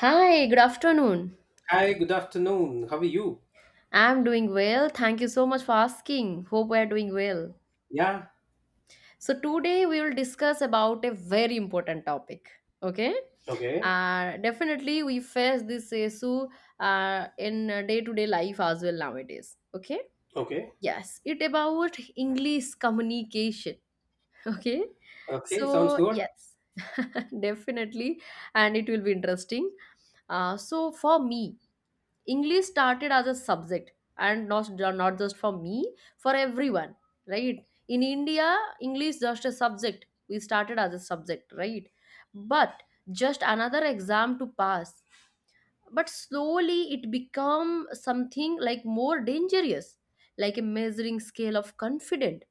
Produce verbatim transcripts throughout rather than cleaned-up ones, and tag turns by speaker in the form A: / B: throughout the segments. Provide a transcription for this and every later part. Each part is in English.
A: Hi, good afternoon.
B: Hi, good afternoon. How are you?
A: I'm doing well. Thank you so much for asking. Hope we're doing well.
B: Yeah.
A: So today we will discuss about a very important topic. Okay?
B: Okay.
A: Uh, definitely we face this issue uh, in uh, day-to-day life as well nowadays. Okay?
B: Okay.
A: Yes, it about English communication. Okay?
B: Okay. Sounds
A: So
B: good.
A: yes, definitely, and it will be interesting. Uh, so for me, English started as a subject and not, not just for me, for everyone, right? In India, English just a subject. We started as a subject, right? But just another exam to pass. But slowly it become something like more dangerous, like a measuring scale of confidence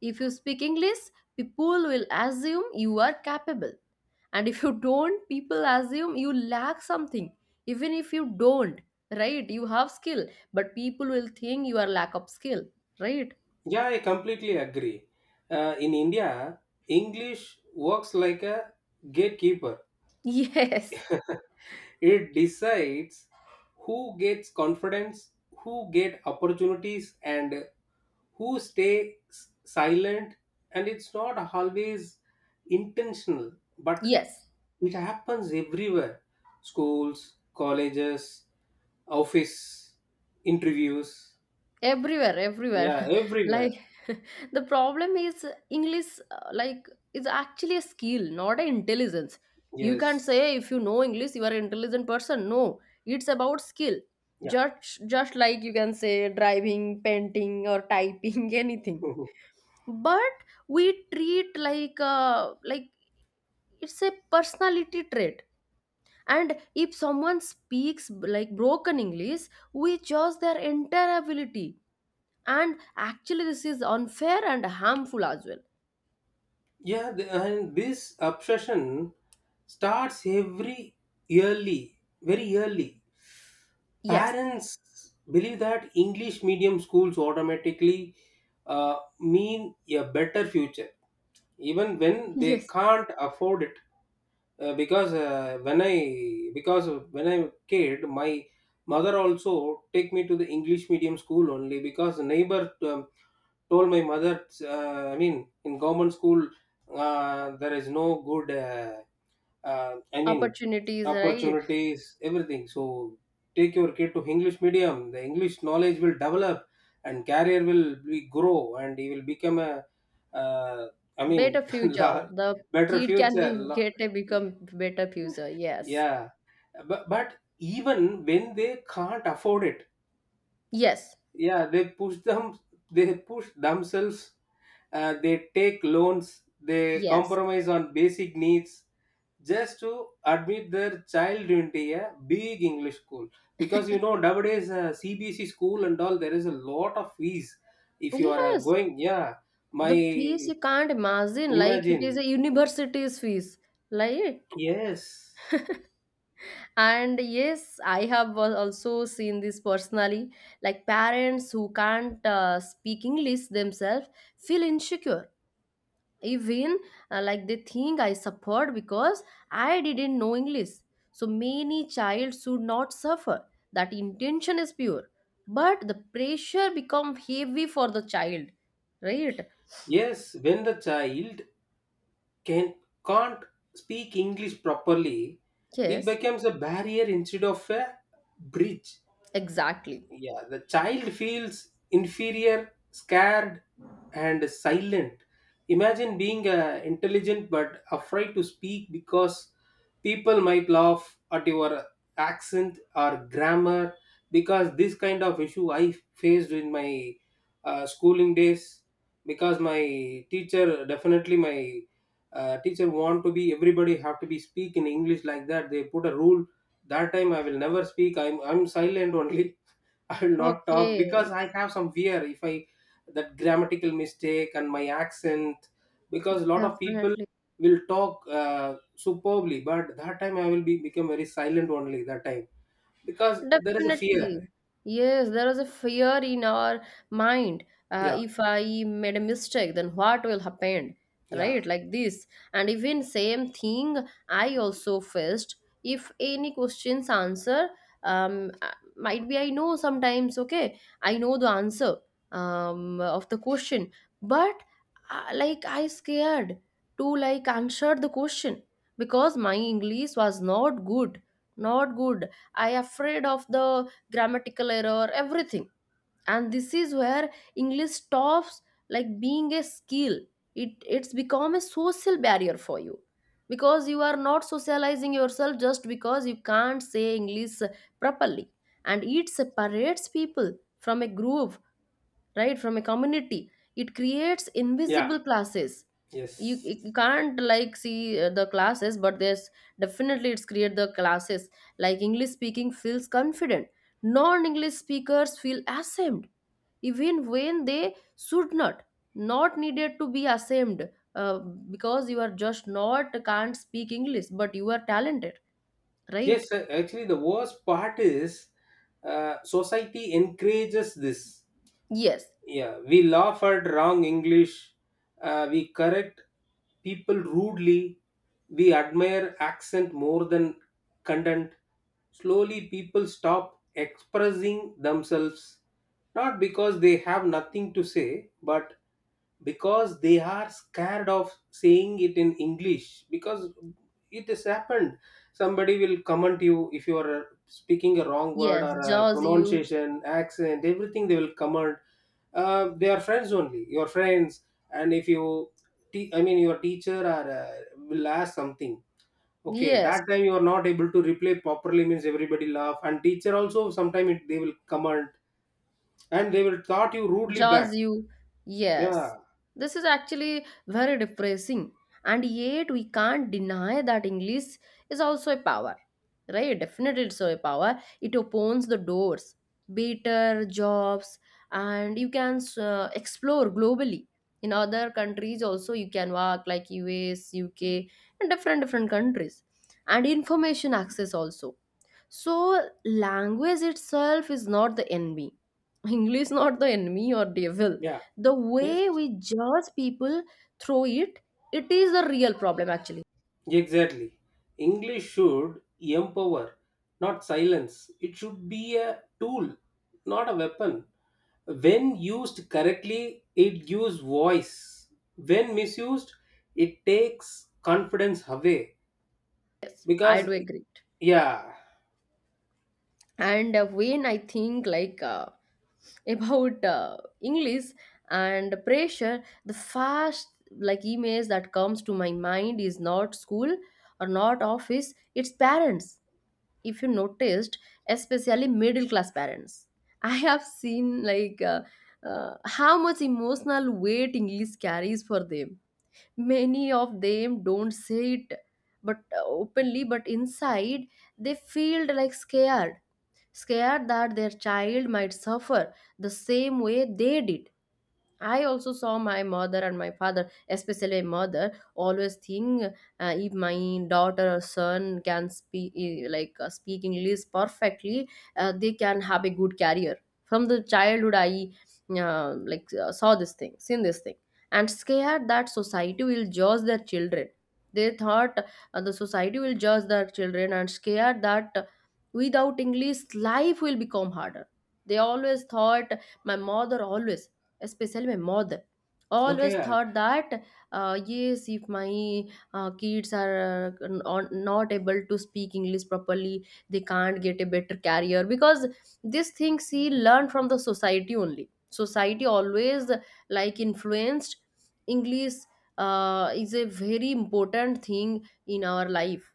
A: if you speak English, people will assume you are capable. And if you don't, people assume you lack something. Even if you don't, right? You have skill, but people will think you are lack of skill, right?
B: Yeah, I completely agree. Uh, in India, English works like a gatekeeper.
A: Yes.
B: It decides who gets confidence, who get opportunities, and who stay s- silent, and it's not always intentional, but
A: Yes.
B: it happens everywhere: schools, colleges, office, interviews.
A: Everywhere, everywhere.
B: Yeah, everywhere.
A: like the problem is English, uh, like, is actually a skill, not an intelligence. You can't
B: Yes.
A: say if you know English you are an intelligent person. No, it's about skill,
B: Yeah.
A: just just like you can say driving, painting or typing. Anything. But we treat like, uh, like, it's a personality trait. And if someone speaks like broken English, we judge their entire ability. And actually this is unfair and harmful as well.
B: Yeah, the, and this obsession starts every early, very early.
A: Yes.
B: Parents believe that English medium schools automatically uh, mean a better future, even when they
A: Yes.
B: can't afford it. Uh, because uh, when i because when I'm a kid, my mother also take me to the English medium school only because the neighbor um, told my mother, uh, i mean in government school uh, there is no good, uh, uh, i mean
A: Opportunities, right.
B: opportunities, everything. So take your kid to English medium, the English knowledge will develop and career will be grow, and he will become a uh, i mean
A: Better future,
B: la-
A: the
B: better
A: kid can
B: future
A: be
B: la-
A: get a become better future. Yes.
B: yeah. But but even when they can't afford it,
A: Yes.
B: yeah, they push them, they push themselves. Uh, they take loans, they
A: Yes.
B: compromise on basic needs just to admit their child into a big English school. Because you know nowadays uh, C B C school and all, there is a lot of fees. If you are uh,
A: Yes,
B: going, yeah,
A: the fees
B: my
A: you can't imagine, like it
B: imagine,
A: is a university's fees, like.
B: yes.
A: And yes, I have al- also seen this personally, like parents who can't uh, speak English themselves feel insecure. Even, uh, like, they think I suffered because I didn't know English, so many child should not suffer. That intention is pure, but the pressure become heavy for the child, right?
B: Yes, when the child can can't speak English properly, it
A: Yes.
B: becomes a barrier instead of a bridge.
A: Exactly.
B: Yeah, the child feels inferior, scared, and silent. Imagine being uh, intelligent but afraid to speak because people might laugh at your accent or grammar. Because this kind of issue I faced in my uh, schooling days, because my teacher, definitely my uh, teacher, want to be everybody have to be speak in English like that. They put a rule. That time I will never speak. I'm I'm silent only. I will not talk
A: Okay.
B: because I have some fear if I that grammatical mistake and my accent, because a lot of people
A: Definitely.
B: will talk uh, superbly, but that time I will be become very silent only that time, because there is a fear.
A: Definitely. Yes, there is a fear in our mind. Uh,
B: Yeah,
A: if I made a mistake, then what will happen?
B: yeah,
A: Right? Like this. And even same thing I also faced. If any questions answer, um, uh, might be I know sometimes, okay, I know the answer um, of the question, but uh, like I scared to like answer the question because my English was not good, not good. I afraid of the grammatical error everything. And this is where English stops like being a skill, it it's become a social barrier for you because you are not socializing yourself just because you can't say English properly. And it separates people from a group, right, from a community. It creates
B: yeah.
A: invisible classes. you,
B: Yes,
A: you can't like see uh, the classes, but there's definitely it's create the classes, like English speaking feels confident, non-English speakers feel ashamed even when they should not, not needed to be ashamed. Uh, because you are just not can't speak English but you are talented, right?
B: yes. uh, Actually, the worst part is, uh, society encourages this.
A: Yes.
B: Yeah, we laugh at wrong English, uh, we correct people rudely, we admire accent more than content. Slowly, people stop expressing themselves, not because they have nothing to say, but because they are scared of saying it in English, because it has happened. Somebody will comment you if you are speaking a wrong word
A: yes
B: or a
A: jaws you.
B: pronunciation, accent, everything they will comment. Uh, they are friends only, your friends. And if you te- i mean your teacher or uh, will ask something, okay,
A: Yes.
B: that time you are not able to reply properly means everybody laugh, and teacher also sometimes they will comment, and they will thought you rudely back.
A: Jaws you. Yes.
B: Yeah,
A: This is actually very depressing. And yet we can't deny that English is also a power. Right? Definitely it's a power. It opens the doors, better jobs, and you can uh, explore globally. In other countries also you can work like U S, U K, and different different countries. And information access also. So language itself is not the enemy, English not the enemy or devil.
B: yeah.
A: The way
B: Yes.
A: we judge people through it, it is the real problem actually.
B: Exactly. English should empower, not silence. It should be a tool, not a weapon. When used correctly, it gives voice. When misused, it takes confidence away.
A: I
B: Because,
A: do agree.
B: yeah,
A: And uh, when I think like, uh, about uh, English and pressure, the first like image that comes to my mind is not school or not office. It's parents. If you noticed, especially middle class parents, I have seen like, uh, uh, how much emotional weight English carries for them. Many of them don't say it, but uh, openly, but inside they feel like scared, scared that their child might suffer the same way they did. I also saw my mother and my father, especially my mother, always think uh, if my daughter or son can speak eh, like uh, speak English perfectly, uh, they can have a good career. From the childhood, I uh, like uh, saw this thing, seen this thing, and scared that society will judge their children. They thought uh, the society will judge their children and scared that, uh, without English, life will become harder. They always thought, my mother always, special में मौत, always
B: okay,
A: thought that, uh, yes, if my uh, kids are uh, not not able to speak English properly, they can't get a better career, because these things she learned from the society only. Society always like influenced English, uh, is a very important thing in our life,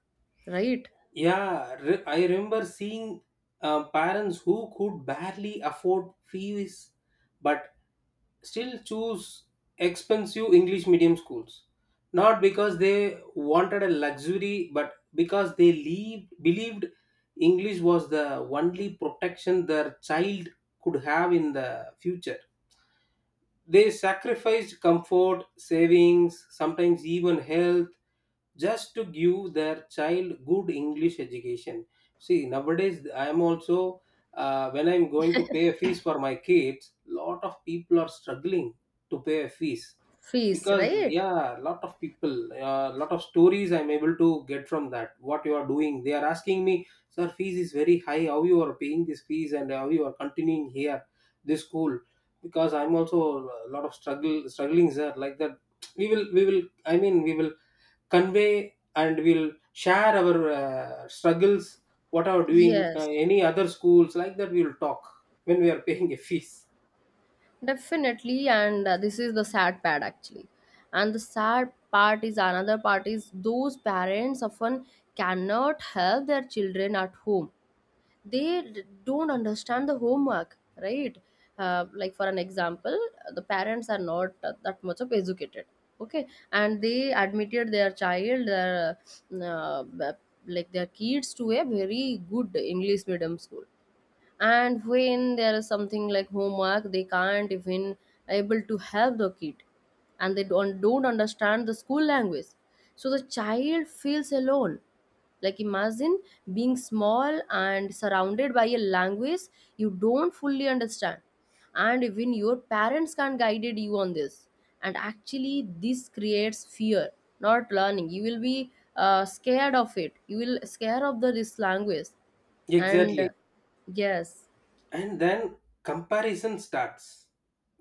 A: right?
B: yeah, re- I remember seeing uh, parents who could barely afford fees but still choose expensive English medium schools, not because they wanted a luxury, but because they leave, believed English was the only protection their child could have in the future. They sacrificed comfort, savings, sometimes even health, just to give their child good English education. See, nowadays I am also, uh, when I'm going to pay a fees for my kids, lot of people are struggling to pay a fees.
A: Fees,
B: Because
A: right.
B: yeah, lot of people, uh, lot of stories I'm able to get from that. What you are doing? They are asking me, sir, fees is very high. How you are paying this fees and how you are continuing here, this school? Because I'm also a lot of struggle struggling there, like that. We will we will i mean we will convey and we'll share our uh, struggles, what are doing uh,
A: Yes.
B: any other schools like that, we will talk when we are paying a fees.
A: Definitely, and uh, this is the sad part actually. And the sad part is another part is those parents often cannot help their children at home. They d- don't understand the homework, right? Uh, like for an example, the parents are not uh, that much of educated, okay, and they admitted their child, their uh, b- like their kids to a very good English medium school. And when there is something like homework, they can't even able to help the kid, and they don't, don't understand the school language. So the child feels alone. Like imagine being small and surrounded by a language you don't fully understand, and even your parents can't guided you on this. And actually this creates fear, not learning. You will be, uh, scared of it, you will scare of the this language. And uh,
B: Exactly.
A: yes.
B: And then comparison starts.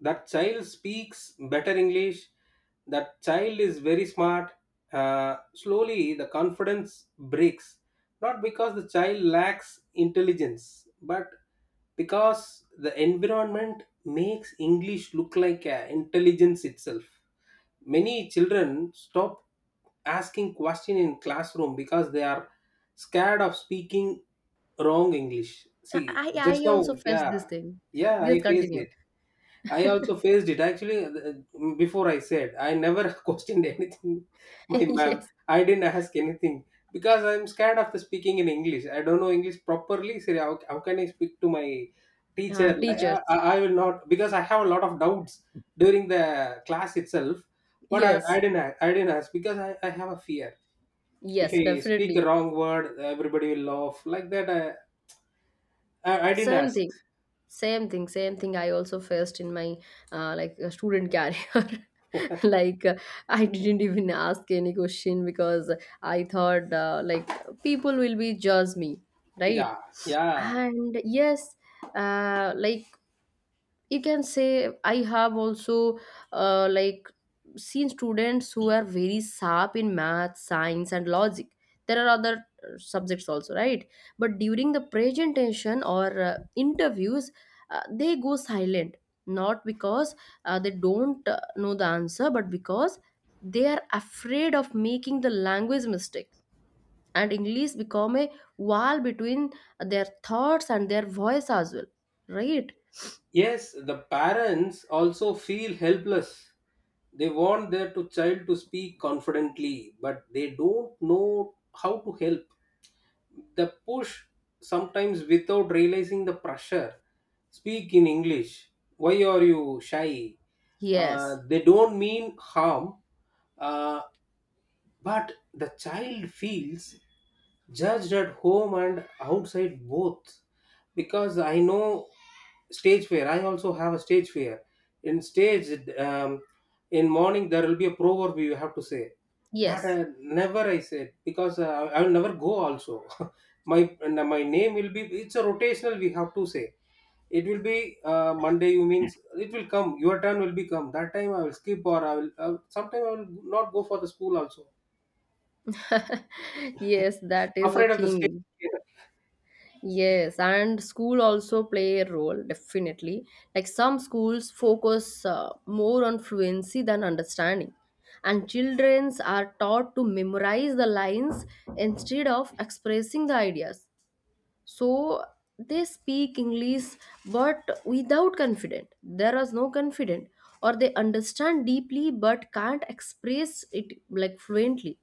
B: That child speaks better English, that child is very smart. uh, Slowly the confidence breaks, not because the child lacks intelligence, but because the environment makes English look like uh, intelligence itself. Many children stop asking question in classroom because they are scared of speaking wrong English. See,
A: I, I
B: just
A: I
B: now.
A: also faced
B: Yeah,
A: this thing.
B: yeah. I
A: Yes,
B: faced
A: continue.
B: it. I also faced it actually. Uh, before, I said I never questioned anything. My ma'am,
A: Yes,
B: I didn't ask anything because I'm scared of the speaking in English. I don't know English properly, so how, how can I speak to my
A: uh,
B: teacher? Like,
A: teachers.
B: I, I I will not, because I have a lot of doubts during the class itself. But i, I
A: Yes,
B: didn't a- i didn't ask, because I, I have a fear. If
A: yes,
B: I speak a
A: definitely.
B: wrong word, everybody will laugh like that. I i, I didn't
A: Same
B: ask.
A: thing, same thing, same thing. I also faced in my uh, like uh, student career. like uh, I didn't even ask any question because I thought, uh, like, people will be judge me, right?
B: Yeah, yeah.
A: And yes, uh, like, you can say I have also, uh, like, seen students who are very sharp in math, science and logic. There are other uh, subjects also, right? But during the presentation or, uh, interviews, uh, they go silent, not because, uh, they don't uh, know the answer, but because they are afraid of making the language mistake. And English become a wall between their thoughts and their voice as well, right?
B: Yes, the parents also feel helpless. They want their to child to speak confidently, but they don't know how to help. The push, sometimes without realizing the pressure, speak in English. Why are you shy? Uh,
A: Yes.
B: they don't mean harm. uh, but the child feels judged at home and outside both. Because I know stage fear, I also have a stage fear. In stage, um, in morning there will be a proverb you have to say. That I
A: Yes.
B: never I said, because uh, I will never go also. My and my name will be, it's a rotational, we have to say. It will be uh, Monday, you means it will come, your turn will be come, that time I will skip, or I will uh, sometime I will not go for the school also,
A: Yes, that is the
B: afraid of the stage.
A: thing. Yes, and school also play a role, definitely. Like some schools focus uh, more on fluency than understanding. And childrens are taught to memorize the lines instead of expressing the ideas. So they speak English but without confident, there was no confident, or they understand deeply but can't express it like fluently.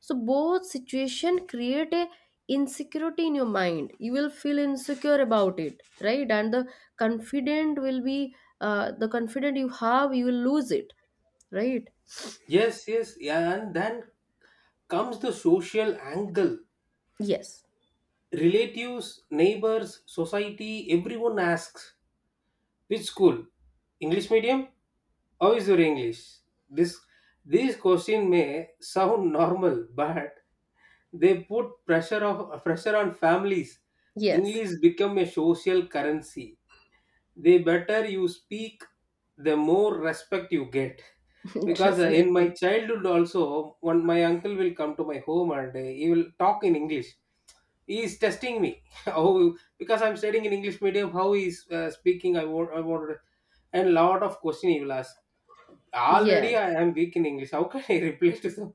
A: So both situation create a insecurity in your mind, you will feel insecure about it, right? And the confident will be, uh, the confident you have you will lose it, right?
B: Yes, yes, yeah, and then comes the social angle.
A: Yes.
B: Relatives, neighbors, society, everyone asks, which school? English medium? How is your English? This These question may sound normal, but they put pressure of pressure on families.
A: Yes.
B: English become a social currency. The better you speak, the more respect you get. Because uh, in my
A: Definitely.
B: childhood also, when my uncle will come to my home and uh, he will talk in English, he is testing me. How? Because I'm studying in English medium, how he is uh, speaking. I want i want and lot of question he will ask, already
A: Yes.
B: I am weak in English. How can I reply to them?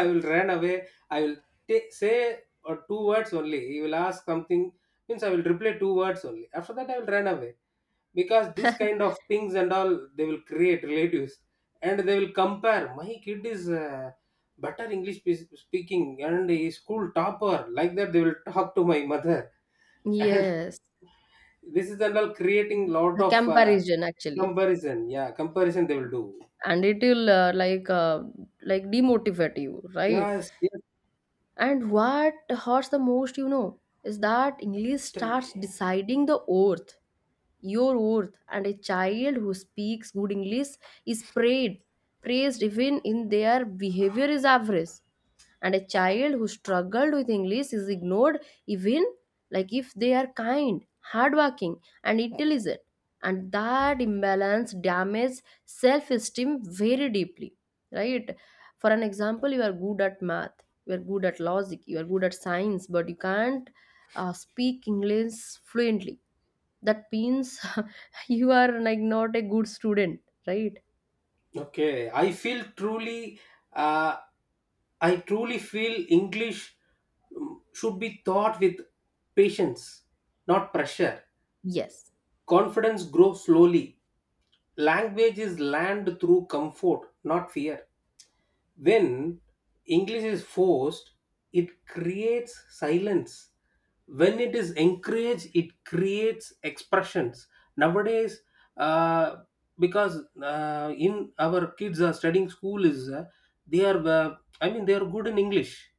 B: I will run away. I will ta- say or two words only. He will ask something means I will reply two words only, after that I will run away. Because this kind of things and all, they will create relatives, and they will compare my kid is uh, better English spe- speaking and a school topper, like that they will talk to my mother. And
A: Yes.
B: this is and all creating lot
A: The
B: of uh,
A: comparison, actually.
B: comparison. Yeah, comparison they will do.
A: And it will, uh, like uh, like demotivate you, right?
B: Yes, yes.
A: And what hurts the most, you know, is that English
B: Tell me.
A: starts deciding the oath, your worth. And a child who speaks good English is praised, praised even in their behavior is average. And a child who struggled with English is ignored, even like if they are kind, hardworking and intelligent. And that imbalance damages self-esteem very deeply, right? For an example, you are good at math, you are good at logic, you are good at science, but you can't uh, speak English fluently, that means you are like not a good student, right?
B: Okay, I feel truly, uh, i truly feel English, mm, should be taught with patience, not pressure.
A: Yes.
B: Confidence grows slowly. Language is learned through comfort, not fear. When English is forced, it creates silence. When it is encouraged, it creates expressions. Nowadays, uh, because uh, in our kids are studying school is, uh, they are, uh, I mean they are good in English.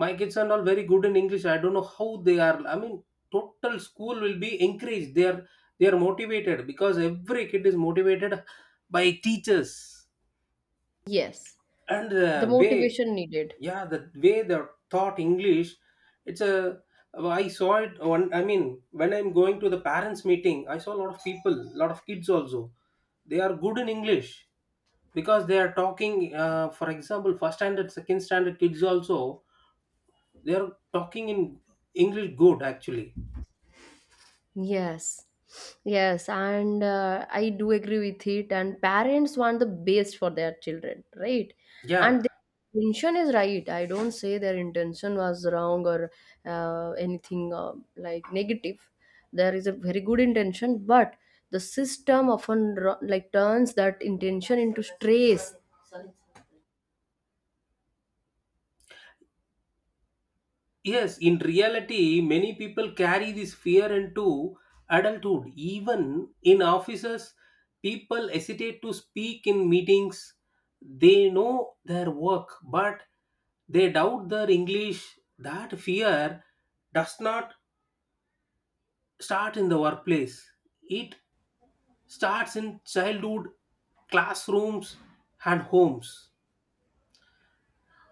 B: My kids are all very good in English. I don't know how they are. I mean, total school will be encouraged. They are they are motivated because every kid is motivated by teachers,
A: Yes.
B: and the
A: The
B: way,
A: motivation needed.
B: yeah, the way they are taught English. It's a I saw it one. I mean, when I'm going to the parents meeting, I saw a lot of people, a lot of kids also they are good in English, because they are talking, uh, for example, first standard, second standard kids also, they're talking in English good actually.
A: Yes, yes, and uh, I do agree with it. And parents want the best for their children, right?
B: Yeah.
A: And their intention is right. I don't say their intention was wrong or, uh, anything, uh, like negative. There is a very good intention, but the system often ru- like turns that intention into stress.
B: Yes. In reality, many people carry this fear into adulthood. Even in offices, people hesitate to speak in meetings. They know their work, but they doubt their English. That fear does not start in the workplace. It starts in childhood, classrooms, and homes.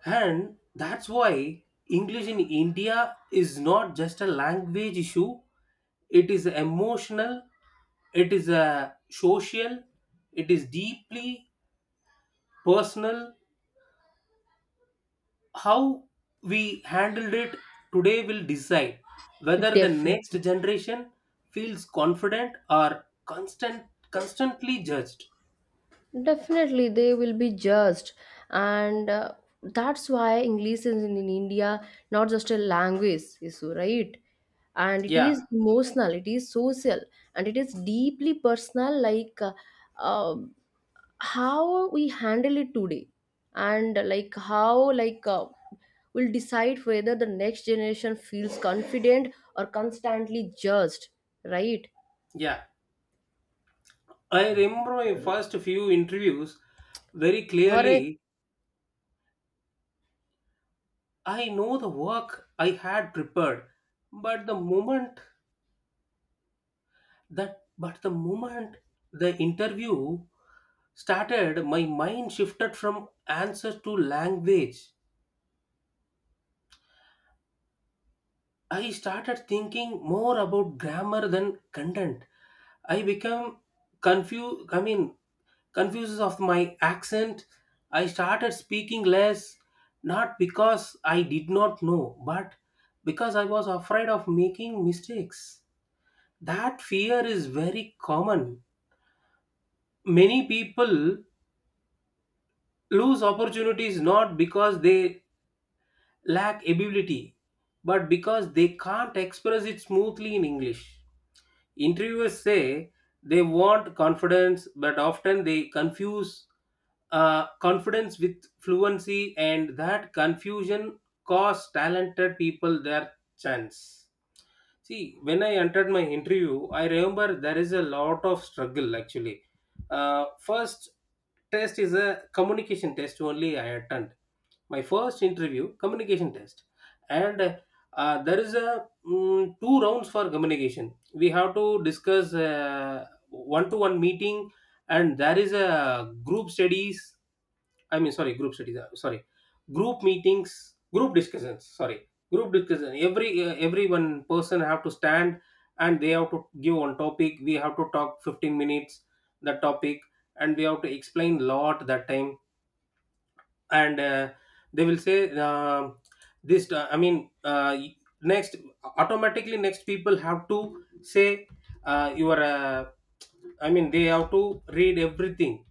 B: And that's why English in India is not just a language issue, it is emotional, it is a social, it is deeply personal. How we handled it today will decide whether the next
A: Definitely.
B: generation feels confident or constant constantly judged.
A: Definitely, they will be judged, and uh, that's why English is in, in India not just a language issue, right? And it
B: Yeah,
A: is emotional, it is social, and it is deeply personal. Like, uh, um, how we handle it today, and, uh, like how like uh, will decide whether the next generation feels confident or constantly judged, right?
B: yeah. I remember my first few interviews very
A: Or uh,
B: clearly. I know the work I had prepared, but the moment that but the moment the interview started, my mind shifted from answers to language. I started thinking more about grammar than content. I became confused. I mean, confused of my accent. I started speaking less, not because I did not know, but because I was afraid of making mistakes. That fear is very common. Many people lose opportunities not because they lack ability, but because they can't express it smoothly in English. Interviewers say they want confidence, but often they confuse uh, confidence with fluency, and that confusion costs talented people their chance. See, when I entered my interview, I remember there is a lot of struggle actually. Uh, first test is a communication test only I attend. My first interview, communication test. And uh, there is a mm, two rounds for communication. We have to discuss uh, one-to-one meeting, and there is a group studies. I mean, sorry, group studies. uh, Sorry, group meetings, group discussions. Sorry, group discussion. Every uh, every one person have to stand and they have to give one topic. We have to talk fifteen minutes that topic, and we have to explain lot that time. And uh, they will say uh, this. uh, I mean, uh, next, automatically next people have to say uh, your. Uh, I mean, they have to read everything.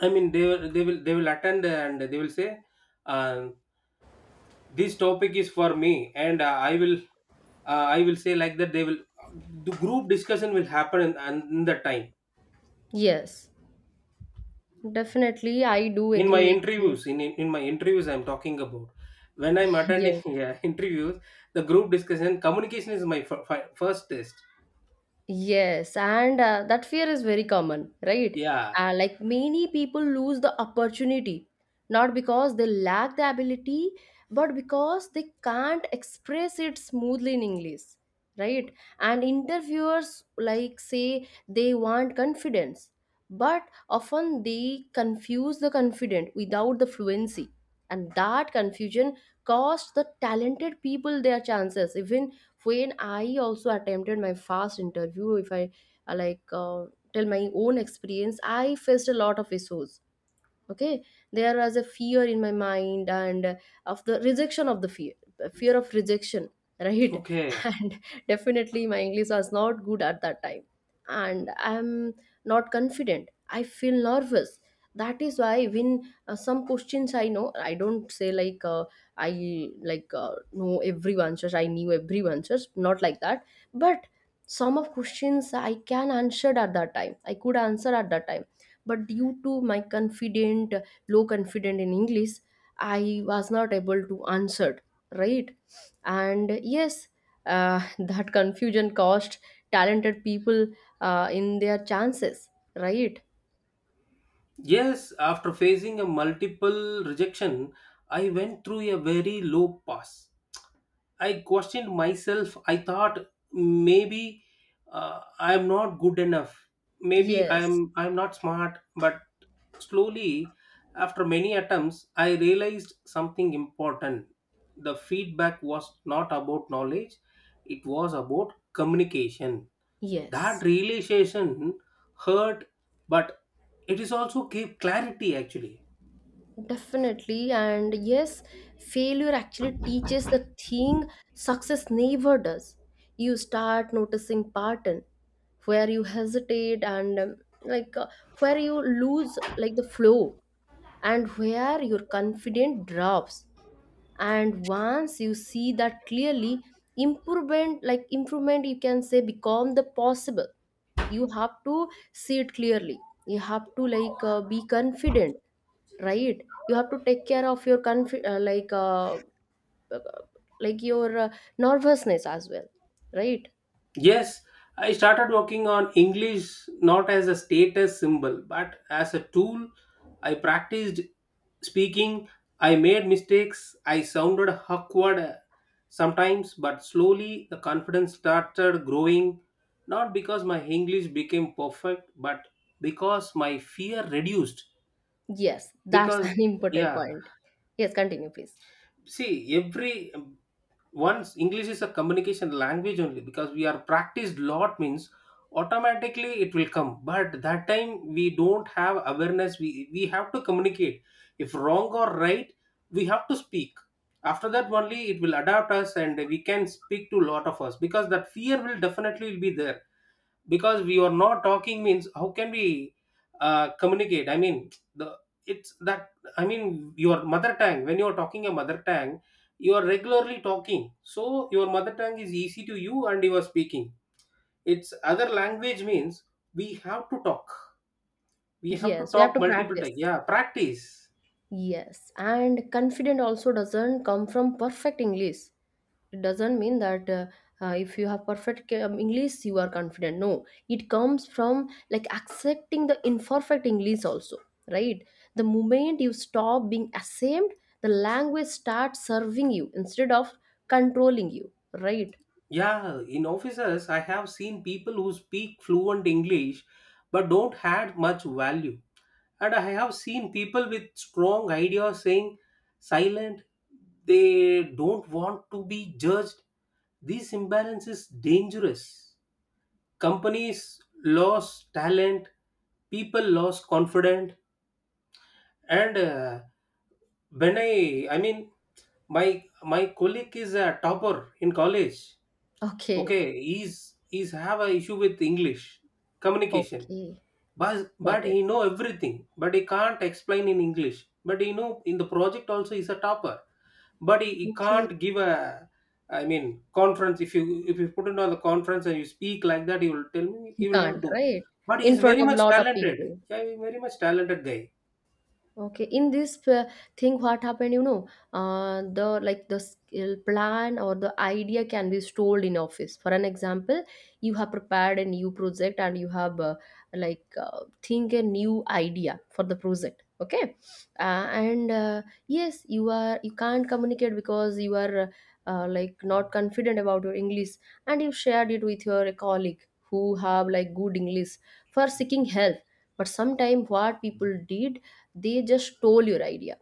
B: I mean, they will- they will they will attend and they will say, uh, "This topic is for me," and uh, I will uh, I will say like that. They will the group discussion will happen in, in that time.
A: yes, definitely, I do
B: In my
A: agree with you.
B: interviews, in in my interviews, I'm talking about when I'm attending
A: Yes,
B: yeah, interviews, the group discussion communication is my f- fi- first test.
A: yes, and uh, that fear is very common, right?
B: Yeah.
A: Uh, like many people lose the opportunity, not because they lack the ability, but because they can't express it smoothly in English, right? And interviewers like say they want confidence, but often they confuse the confident without the fluency, and that confusion cost the talented people their chances even when. I also attempted my first interview. If I uh, like uh, tell my own experience, I faced a lot of issues. Okay, there was a fear in my mind and uh, of the rejection of the fear. Fear of rejection, right?
B: Okay.
A: And definitely my english was not good at that time, and I'm not confident, I feel nervous. That is why when uh, some questions I know, I don't say like uh, I like uh, know every answers. I knew every answers, not like that. But some of questions i can answer at that time I could answer at that time, but due to my confident, low confident in english, I was not able to answer, right? And yes, uh, that confusion cost talented people uh, in their chances, right?
B: Yes, after facing a multiple rejection, I went through a very low pass. I questioned myself. I thought maybe uh, I am not good enough. Maybe I
A: Yes.
B: am I am not smart. But slowly, after many attempts, I realized something important. The feedback was not about knowledge; it was about communication. That
A: Yes.
B: realization hurt, but it is also gave clarity actually.
A: Definitely, and yes, failure actually teaches the thing success never does. You start noticing pattern where you hesitate and um, like uh, where you lose like the flow and where your confidence drops. And once you see that clearly, improvement like improvement you can say become the possible. You have to see it clearly, you have to like uh, be confident, right? You have to take care of your conf- uh, like uh, like your uh, nervousness as well, right?
B: Yes, I started working on English not as a status symbol but as a tool. I practiced speaking, I made mistakes, I sounded awkward uh, sometimes, but slowly the confidence started growing. Not because my English became perfect, but because my fear reduced.
A: Yes, that's
B: Because,
A: an important
B: yeah,
A: point. Yes, continue please.
B: see, every um, once English is a communication language only because we are practiced lot means automatically it will come. But that time we don't have awareness. We we have to communicate. If wrong or right, we have to speak. After that only it will adapt us and we can speak to lot of us because that fear will definitely will be there, because we are not talking means how can we uh, communicate. I mean, the, it's that, I mean your mother tongue, when you are talking a mother tongue, you are regularly talking, so your mother tongue is easy to you and you are speaking. It's other language means we have to talk, we have to
A: Yes, we have
B: talk
A: to
B: multiple
A: practice.
B: times. Yeah, practice.
A: Yes, and confident also doesn't come from perfect english. It doesn't mean that uh, uh, if you have perfect um, english you are confident. No, it comes from like accepting the imperfect english also, right? The moment you stop being ashamed, the language starts serving you instead of controlling you, right?
B: Yeah, in offices I have seen people who speak fluent English but don't add much value. And I have seen people with strong ideas saying silent, they don't want to be judged. This imbalance is dangerous. Companies lose talent, people lose confidence, and uh, when I, I mean, my my colleague is a topper in college.
A: Okay.
B: Okay. He's he's have a issue with English communication.
A: Okay.
B: but but
A: Got it.
B: he know everything, but he can't explain in English. But you know, in the project also he's a topper, but he, he
A: Okay.
B: can't give a, I mean, conference. If you if you put him on the conference and you speak like that, he will tell me
A: He
B: he will not
A: can't,
B: do.
A: right?
B: But
A: In
B: he's
A: front
B: very
A: of
B: much
A: lot of
B: talented.
A: people.
B: Yeah, he's very much talented guy.
A: Okay, in this uh, thing, what happened, you know, uh, the like the skill plan or the idea can be stored in office. For an example, you have prepared a new project and you have uh, like uh, think a new idea for the project. Okay, uh, and uh, yes, you are you can't communicate because you are uh, like not confident about your English, and you shared it with your colleague who have like good English for seeking help. But sometime what people did, they just stole your idea,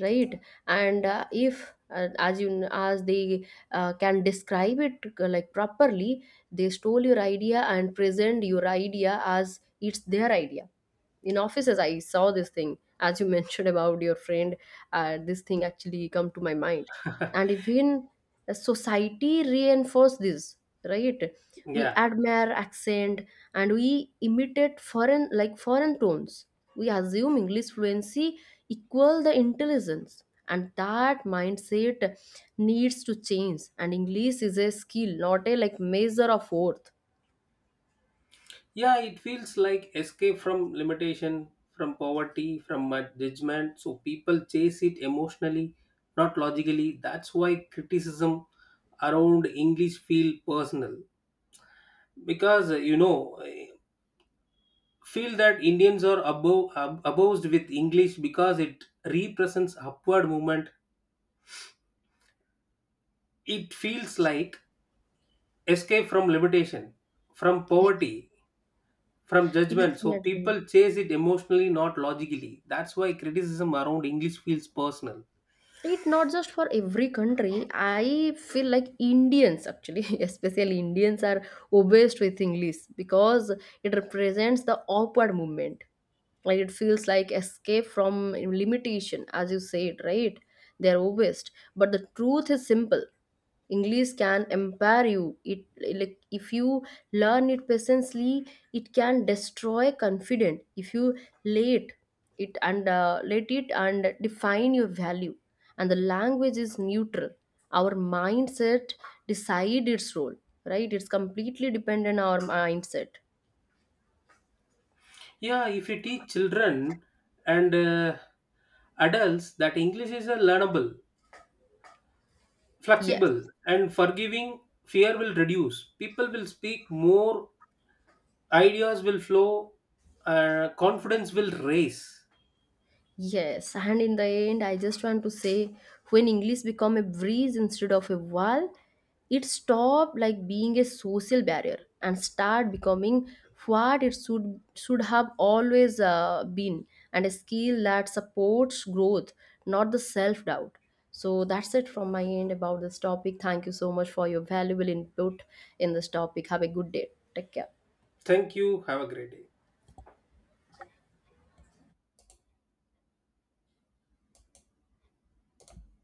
A: right? And uh, if uh, as you as they uh, can describe it uh, like properly, they stole your idea and present your idea as it's their idea. In offices I saw this thing. As you mentioned about your friend, uh, this thing actually come to my mind. And even society reinforce this, right? We
B: Yeah.
A: admire accent, and we imitate foreign like foreign tones. We assume english fluency equal the intelligence, and that mindset needs to change. And english is a skill, not a like measure of worth.
B: Yeah, it feels like escape from limitation, from poverty, from my judgment. So people chase it emotionally, not logically. That's why criticism around English feel personal because uh, you know, eh, feel that Indians are above ab- abused with English because it represents upward movement. It feels like escape from limitation, from poverty, from judgment, so
A: Definitely,
B: people chase it emotionally, not logically. That's why criticism around English feels personal.
A: it not just for every country. I feel like indians actually especially indians are obsessed with english because it represents the upward movement. Like it feels like escape from limitation, as you said, right? They're obsessed. But the truth is simple, english can empower you. It, like if you learn it patiently, it can destroy confidence if you let it and uh, let it and define your value. And the language is neutral, our mindset decide its role, right? It's completely dependent on our mindset.
B: Yeah, if you teach children and uh, adults that English is a learnable,
A: Yes.
B: flexible, and forgiving, fear will reduce, people will speak more, ideas will flow, uh, confidence will raise.
A: Yes, and in the end, I just want to say when English become a breeze instead of a wall, it stopped like being a social barrier and start becoming what it should should have always uh, been, and a skill that supports growth, not the self doubt. So that's it from my end about this topic. Thank you so much for your valuable input in this topic. Have a good day. Take care.
B: Thank you, have a great day.